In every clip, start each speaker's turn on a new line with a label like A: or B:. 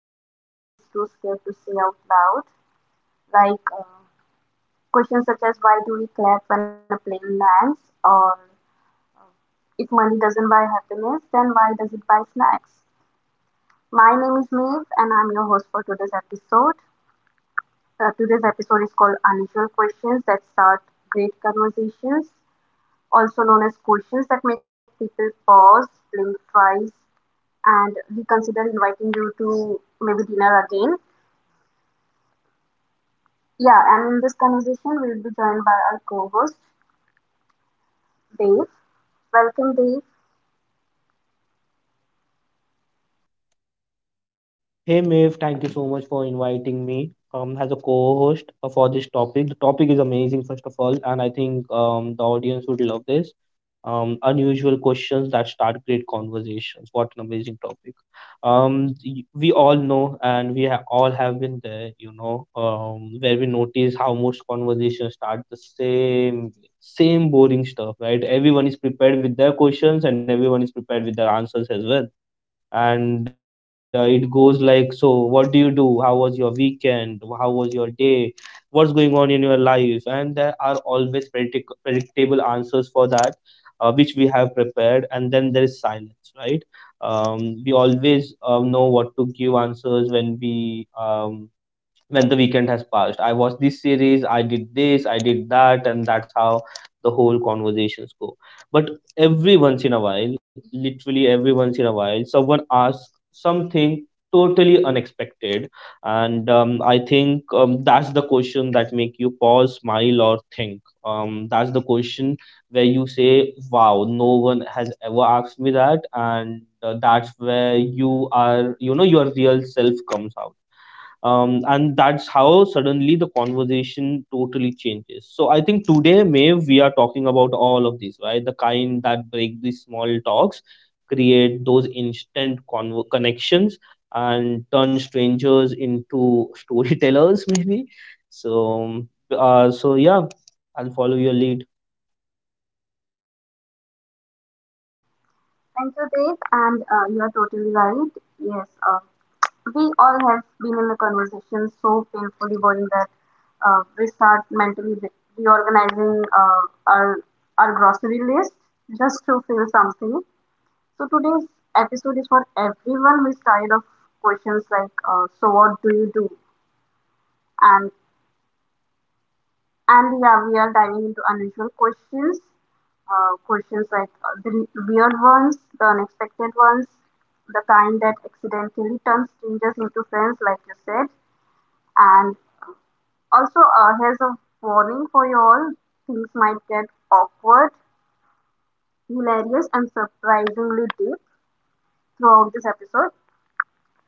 A: your mouth is too scared to say out loud. Like, questions such as why do we clap when a plane lands, or uh, if money doesn't buy happiness, then why does it buy snacks? My name is Maeve, and I'm your host for today's episode. Today's episode is called Unusual Questions That Start Great Conversations, also known as questions that make people pause, blink twice, and reconsider inviting you to maybe dinner again. Yeah, and in this conversation, we'll be joined by our co host, Dave. Welcome, Dave.
B: Hey Maeve, thank you so much for inviting me as a co-host for this topic. The topic is amazing, first of all, and I think the audience would love this. Unusual questions that start great conversations. What an amazing topic! We all know, and we all have been there, you know, where we notice how most conversations start the same, way, same boring stuff, right? Everyone is prepared with their questions, and everyone is prepared with their answers as well, and it goes like, so what do you do, how was your weekend, how was your day, what's going on in your life? And there are always predictable answers for that, which we have prepared, and then there is silence, right? We always know what to give answers when we, when the weekend has passed. I watched this series, I did this, I did that, and that's how the whole conversations go. But every once in a while, literally every once in a while, someone asks something totally unexpected, and I think that's the question that make you pause, smile, or think. That's the question where you say, wow, no one has ever asked me that. And that's where you are, you know, your real self comes out. And that's how suddenly the conversation totally changes. So I think today, Maeve, we are talking about all of these, right? The kind that break these small talks, create those instant connections, and turn strangers into storytellers maybe. So so yeah, I'll follow your lead.
A: Thank you, Dave. And you are totally right. Yes, we all have been in a conversation so painfully boring that we start mentally reorganizing our, our grocery list just to feel something. So today's episode is for everyone who is tired of questions like, so what do you do? And and yeah, we are diving into unusual questions, questions like the weird ones, the unexpected ones, the kind that accidentally turns strangers into friends, like you said. And also, here's a warning for you all: things might get awkward, hilarious, and surprisingly deep throughout this episode.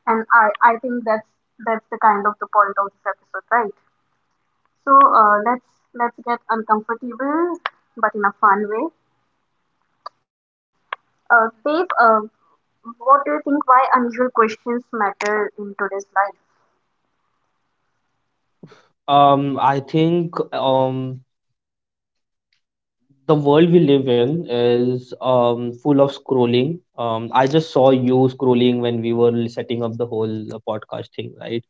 A: And I think that's the kind of the point of this episode, right? So let's get uncomfortable, but in a fun way. Babe, what do you think? Why unusual questions matter in today's life?
B: I think the world we live in is full of scrolling. I just saw you scrolling when we were setting up the whole podcast thing, right?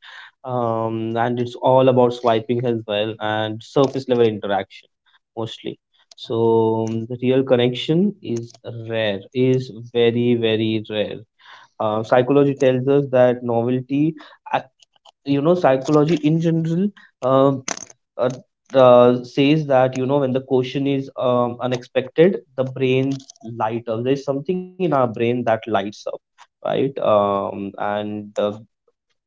B: And it's all about swiping as well, and surface level interaction mostly. So the real connection is rare, is very, very rare. Psychology tells us that novelty uh, you know, psychology in general, um, uh, says that, you know, when the question is unexpected, the brain light up, there's something in our brain that lights up, right? And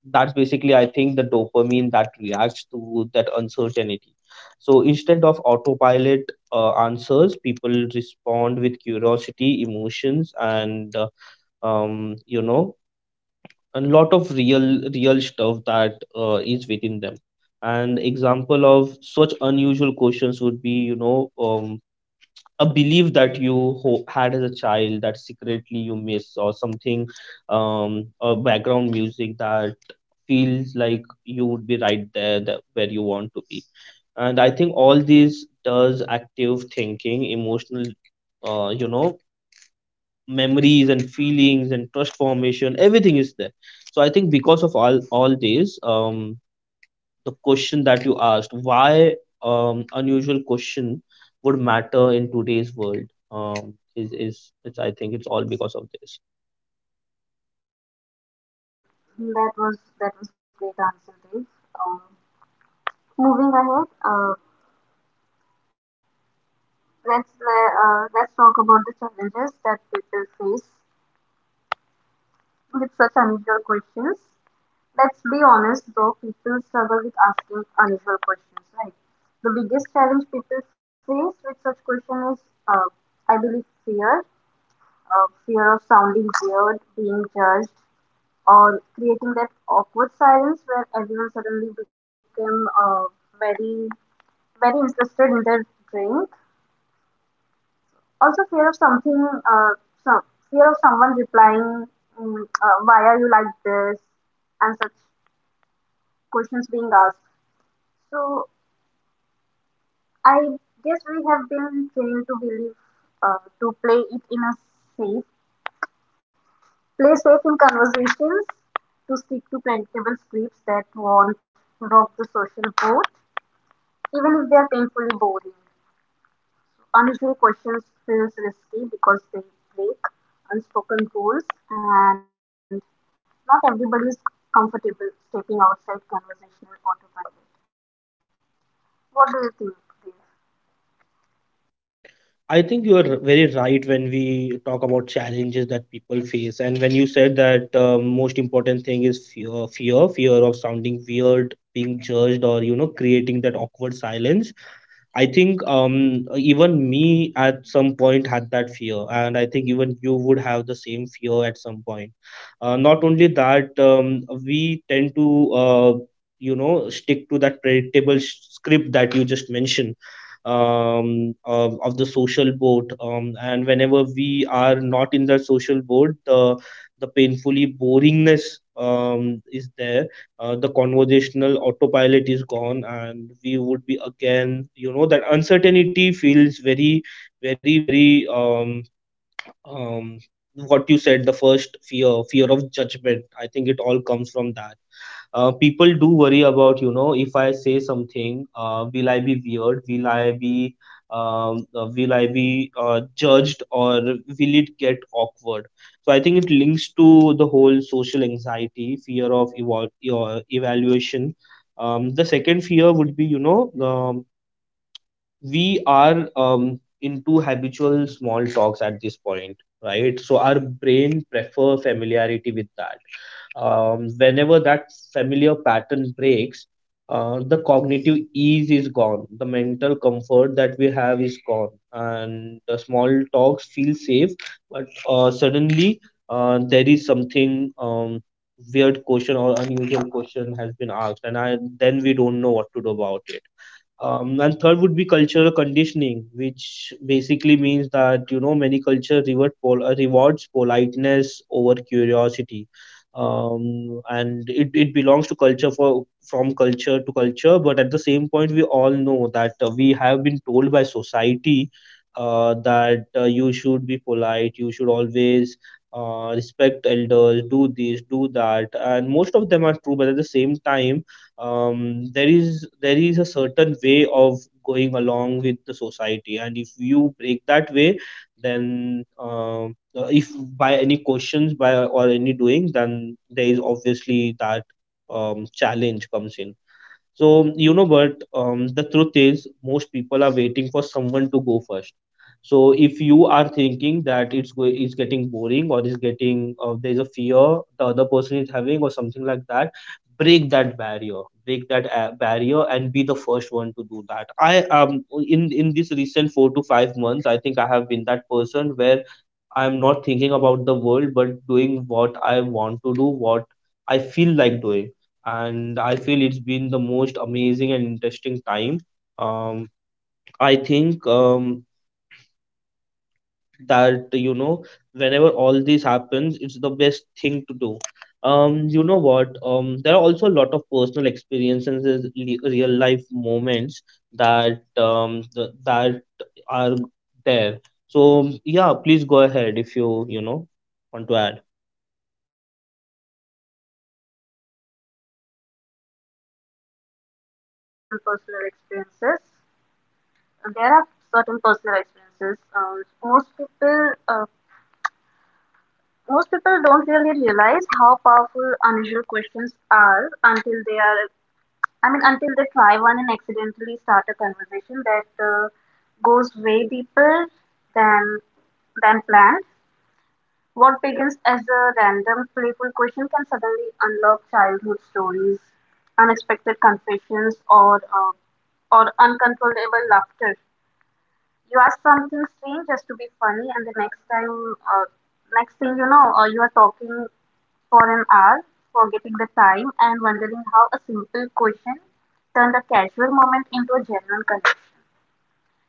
B: that's basically, I think, the dopamine that reacts to that uncertainty. So instead of autopilot answers, people respond with curiosity, emotions, and you know, a lot of real stuff that is within them. And example of such unusual questions would be, you know, a belief that you had as a child that secretly you miss or something. Um, a background music that feels like you would be right there, that where you want to be. And I think all this does active thinking, emotional, you know, memories and feelings and trust formation, everything is there. So I think because of all these, the question that you asked, why unusual question would matter in today's world, is it's I think it's all because of this.
A: That was great answer, Dave. Um, Moving ahead, let's talk about the challenges that people face with such unusual questions. Let's be honest though, people struggle with asking unusual questions, right? The biggest challenge people face with such question is, uh, I believe, fear. Fear of sounding weird, being judged, or creating that awkward silence where everyone suddenly became very, very interested in their drink. Also, fear of something, some, fear of someone replying, why are you like this, and such questions being asked. So, I guess we have been trained to believe to play it safe, play safe in conversations, to stick to predictable scripts that won't rock the social boat, even if they are painfully boring. Unusual questions feels risky because they break unspoken rules, and not everybody is comfortable stepping outside conversational autopilot. What do you think, Dev?
B: I think you are very right when we talk about challenges that people face. And when you said that, most important thing is fear fear fear of sounding weird, being judged, or, you know, creating that awkward silence. I think even me at some point had that fear, and I think even you would have the same fear at some point. Not only that, we tend to you know, stick to that predictable script that you just mentioned, of the social boat, and whenever we are not in that social boat, the painfully boringness is there. Uh, the conversational autopilot is gone, and we would be again, you know, that uncertainty feels very, very, very um what you said, the first fear, fear of judgment, I think it all comes from that. Uh, people do worry about, you know, if I say something, will I be weird, will I be judged, or will it get awkward? So I think it links to the whole social anxiety, fear of your evaluation. Um, the second fear would be, you know, we are into habitual small talks at this point, right? So our brain prefer familiarity with that. Um, whenever that familiar pattern breaks, the cognitive ease is gone, the mental comfort that we have is gone, and the small talks feel safe. But suddenly, there is something, weird question or unusual question has been asked, and I, then we don't know what to do about it. Um, and third would be cultural conditioning, which basically means that, you know, many culture reward rewards politeness over curiosity, and it belongs to culture for from culture to culture. But at the same point, we all know that we have been told by society that you should be polite, you should always respect elders, do this, do that, and most of them are true. But at the same time, there is a certain way of going along with the society, and if you break that way, then if by any questions by or any doings, then there is obviously that challenge comes in. So, you know, but the truth is, most people are waiting for someone to go first. So, if you are thinking that it's getting boring, or is getting, there's a fear the other person is having or something like that, break that barrier, and be the first one to do that. I in this recent 4 to 5 months, I think I have been that person where I'm not thinking about the world, but doing what I want to do, what I feel like doing. And I feel it's been the most amazing and interesting time. Um, I think, that, you know, whenever all this happens, it's the best thing to do. You know what? There are also a lot of personal experiences, real life moments that that are there. So yeah, please go ahead if you, you know, want to add.
A: Thank you, Dev. And yeah, you're right. There are certain personal experiences. There are certain personal experiences. Um, Most people, uh, don't really realize how powerful unusual questions are until they are. I mean, until they try one and accidentally start a conversation that goes way deeper than than planned. What begins as a random, playful question can suddenly unlock childhood stories, unexpected confessions, or uncontrollable laughter. You ask something strange just to be funny, and uh, next thing you know, you are talking for an hour, forgetting the time, and wondering how a simple question turned a casual moment into a genuine connection.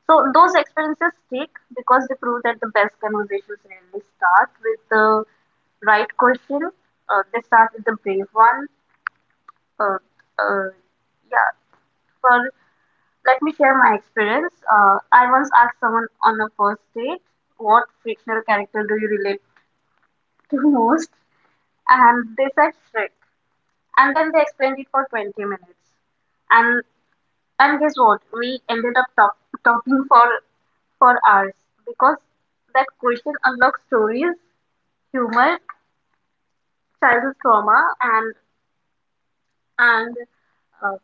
A: So those experiences stick because they prove that the best conversations rarely start with the right question. They start with the brave one. Uh, uh, yeah. For Let me share my experience. I once asked someone on a first date, "What fictional character do you relate to most?" And they said Shrek. And then they explained it for 20 minutes. And And guess what? We ended up talking for hours because that question unlocks stories, humor, childhood trauma, and and uh,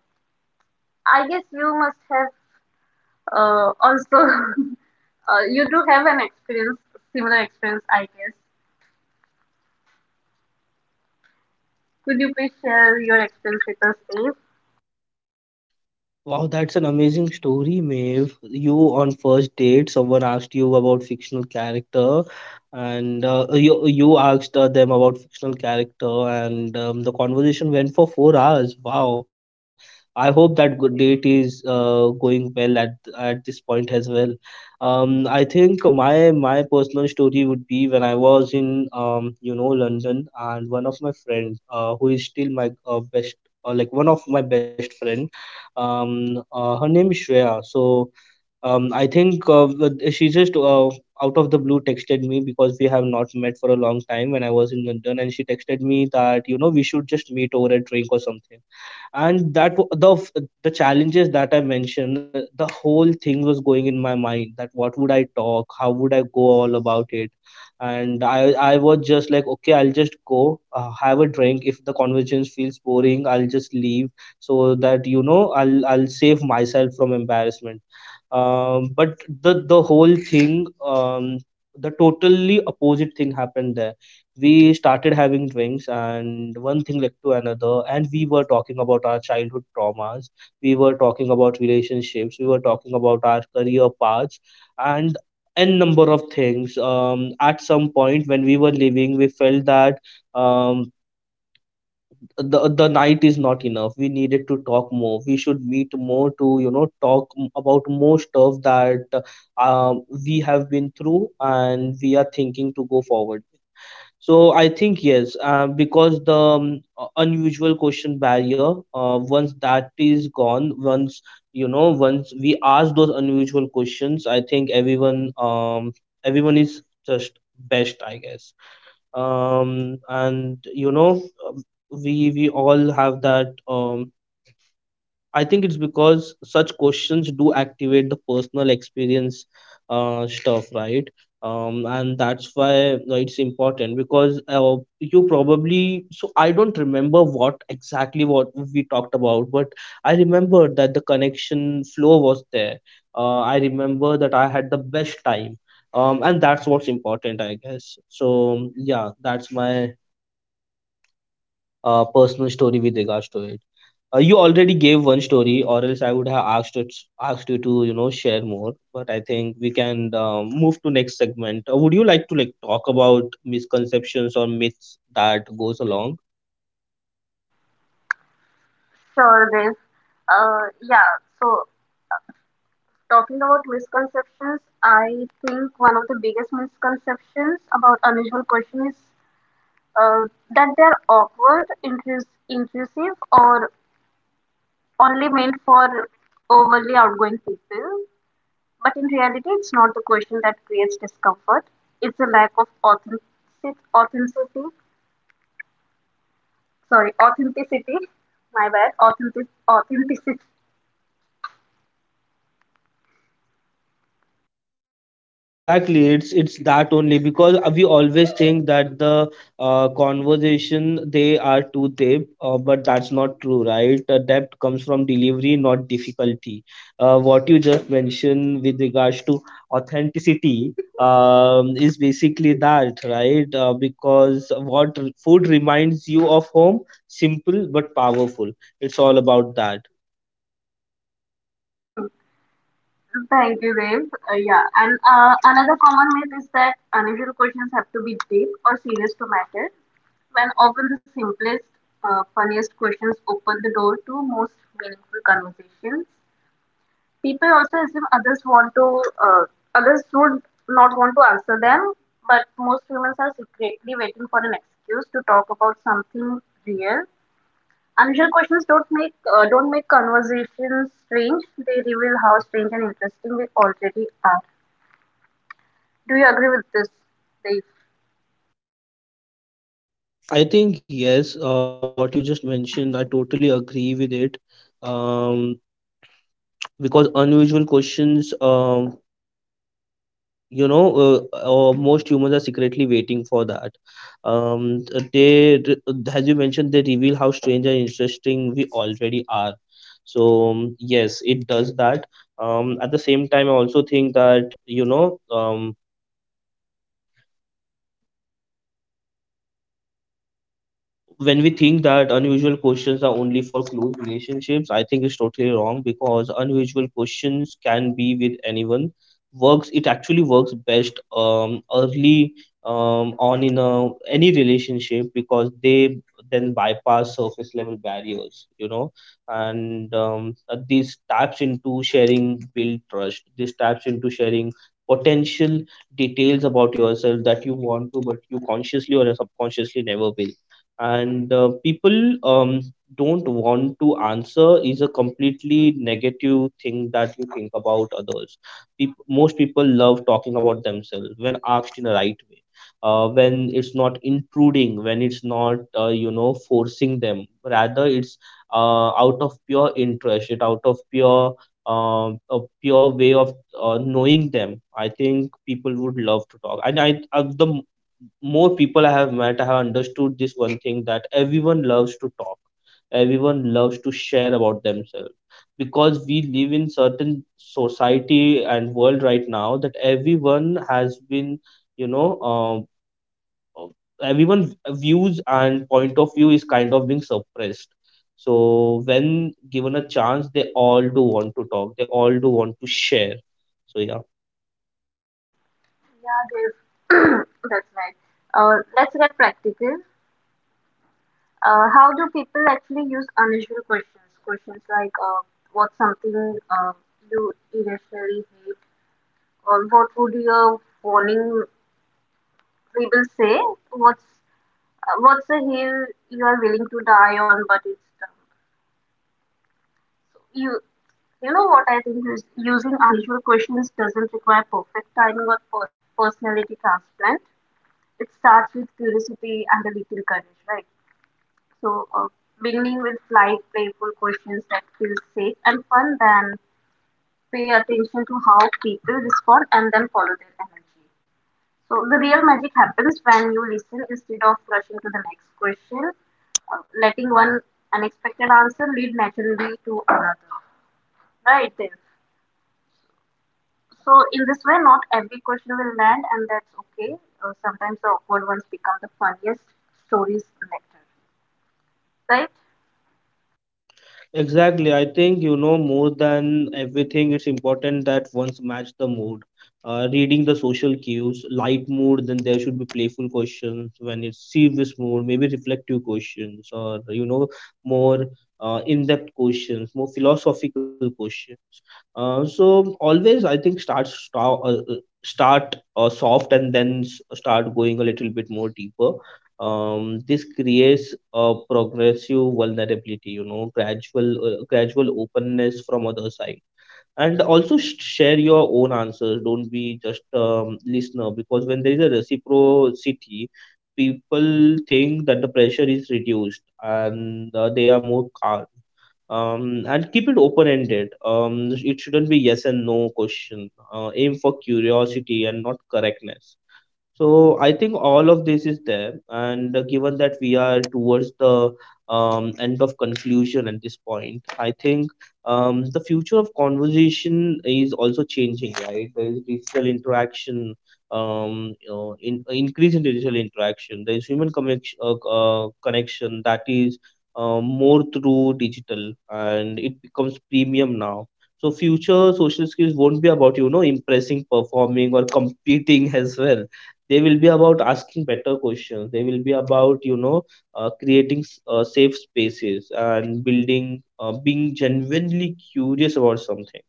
A: I guess you must have also you do have an experience similar experience. I guess. Could you please share your experience with us, Dave?
B: Wow, that's an amazing story, Maeve. You on first date, someone asked you about fictional character, and uh, you asked them about fictional character, and the conversation went for 4 hours. Wow, I hope that good date is going well at this point as well. I think my personal story would be when I was in you know, London, and one of my friend who is still my best, like one of my best friend, her name is Shreya. So I think she just out of the blue texted me, because we have not met for a long time when I was in London, and she texted me that, you know, we should just meet over a drink or something. And that w- the f- the challenges that I mentioned, the whole thing was going in my mind, that what would I talk, how would I go all about it, and I was just like, okay, I'll just go have a drink. If the conversation feels boring, I'll just leave, so that, you know, I'll save myself from embarrassment. Um, but the whole thing, the totally opposite thing happened there. We started having drinks, and one thing led to another, and we were talking about our childhood traumas, we were talking about relationships, we were talking about our career paths, and n number of things. Um, at some point when we were leaving, we felt that um, the night is not enough, we needed to talk more, we should meet more to, you know, talk about more stuff that uh, we have been through, and we are thinking to go forward. So I think, yes, because the unusual question barrier, once that is gone, once, you know, once we ask those unusual questions, I think um everyone is just best, I guess. And you know, we all have that. I think it's because such questions do activate the personal experience stuff, right? And that's why it's important, because you probably, so I don't remember what exactly what we talked about, but I remember that the connection flow was there. Uh, I remember that I had the best time. And that's what's important, I guess. So yeah, that's my personal story with regards to it. You already gave one story, or else I would have asked it, asked you to, you know, share more. But I think we can move to next segment. Would you like to like talk about misconceptions or myths that goes along?
A: Sure, Dave. Yeah. So Talking about misconceptions, I think one of the biggest misconceptions about unusual question is uh, that they're awkward, intrusive, or only meant for overly outgoing people. But in reality, it's not the question that creates discomfort. It's a lack of authenticity. Sorry, authenticity. My bad. Authenticity.
B: Exactly, it's that only because we always think that the conversation, they are too deep, but that's not true, right? Depth comes from delivery, not difficulty. What you just mentioned with regards to authenticity is basically that, right? Because what food reminds you of home. Simple but powerful. It's all about that.
A: Thank you, Dave. Yeah, and another common myth is that unusual questions have to be deep or serious to matter, when often the simplest, funniest questions open the door to most meaningful conversations. People also assume uh, others would not want to answer them, but most humans are secretly waiting for an excuse to talk about something real. Unusual questions don't make conversations strange. They reveal how strange and interesting they already are. Do you agree with this, Dave?
B: I think yes. What you just mentioned, I totally agree with it. um because unusual questions, most humans are secretly waiting for that. um they, as you mentioned, they reveal how strange and interesting we already are. So yes, it does that. At the same time, I also think that when we think that unusual questions are only for close relationships, I think it's totally wrong because unusual questions can be with anyone. Works it actually works best early on in any relationship because they then bypass surface level barriers, you know, and this taps into sharing build trust. This taps into sharing potential details about yourself that you want to, but you consciously or subconsciously never will. And people don't want to answer is a completely negative thing that you think about others. Most people love talking about themselves when asked in a right way, when it's not intruding, when it's not forcing them, rather it's out of pure interest, it out of pure a pure way of knowing them. I think people would love to talk, and I the more people I have met, I have understood this one thing, that everyone loves to talk, everyone loves to share about themselves, because we live in certain society and world right now that everyone has been, you know, uh, everyone views and point of view is kind of being suppressed. So when given a chance, they all do want to talk, they all do want to share. So yeah.
A: Yeah, Dave. That's right. Let's get practical. How do people actually use unusual questions? Questions like, what's something you irrationally hate? Or what would your warning label say? What's what's a hill you are willing to die on, but it's dumb? So you know what I think is using unusual questions doesn't require perfect timing or personality transplant. It starts with curiosity and a little courage, right? So, beginning with light, playful questions that feel safe and fun, then pay attention to how people respond and then follow their energy. So, the real magic happens when you listen instead of rushing to the next question, letting one unexpected answer lead naturally to another, right? There. So, in this way, not every question will land, and that's okay. Sometimes the awkward ones become the funniest stories later, right?
B: Exactly. I think, you know, more than everything, it's important that ones match the mood. Reading the social cues, light mood, then there should be playful questions. When it's serious mood, maybe reflective questions or, you know, more in-depth questions, more philosophical questions. So always, I think, start soft and then start going a little bit more deeper. This creates a progressive vulnerability, you know, gradual gradual openness from other side. And also share your own answers, don't be just listener, because when there is a reciprocity, people think that the pressure is reduced and they are more calm. And keep it open ended. It shouldn't be yes and no question. Aim for curiosity and not correctness. So I think all of this is there, and given that we are towards the end of conclusion at this point, I think the future of conversation is also changing, right? There is digital interaction, you know, increase in digital interaction. There is human connection, connection that is more through digital, and it becomes premium now. So future social skills won't be about, you know, impressing, performing, or competing as well. They will be about asking better questions. They will be about, you know, creating safe spaces and building being genuinely curious about something.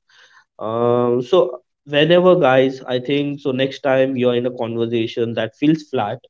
B: So whenever guys, I think, so next time you're in a conversation that feels flat,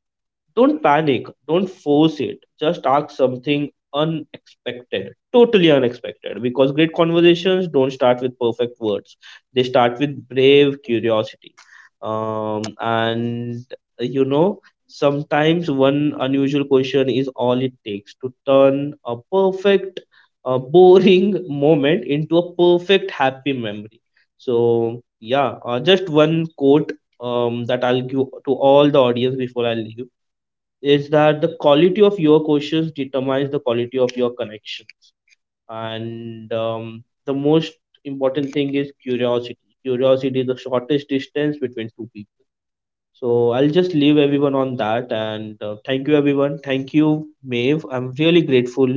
B: don't panic, don't force it. Just ask something unexpected, totally unexpected. Because great conversations don't start with perfect words, they start with brave curiosity. Um, and uh, you know, Sometimes one unusual question is all it takes to turn a perfect, boring moment into a perfect happy memory. So yeah. Just one quote that I'll give to all the audience before I leave is that the quality of your questions determines the quality of your connections. And the most important thing is curiosity. Curiosity is the shortest distance between two people. So I'll just leave everyone on that. And thank you everyone, thank you Maeve, I'm really grateful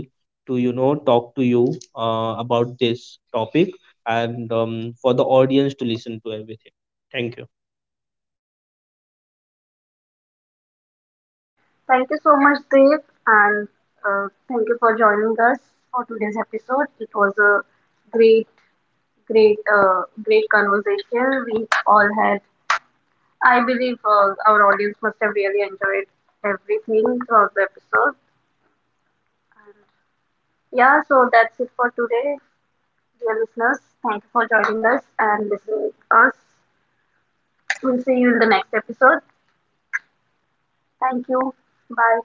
B: to, you know, talk to you about this topic, and for the audience to listen to everything. Thank you.
A: Thank you so much, Dave, and thank you for joining us for today's episode. It was a great, great, great conversation we all had. I believe our audience must have really enjoyed everything throughout the episode. And yeah, so that's it for today, dear listeners. Thank you for joining us and listening to us. We'll see you in the next episode. Thank you. Bye.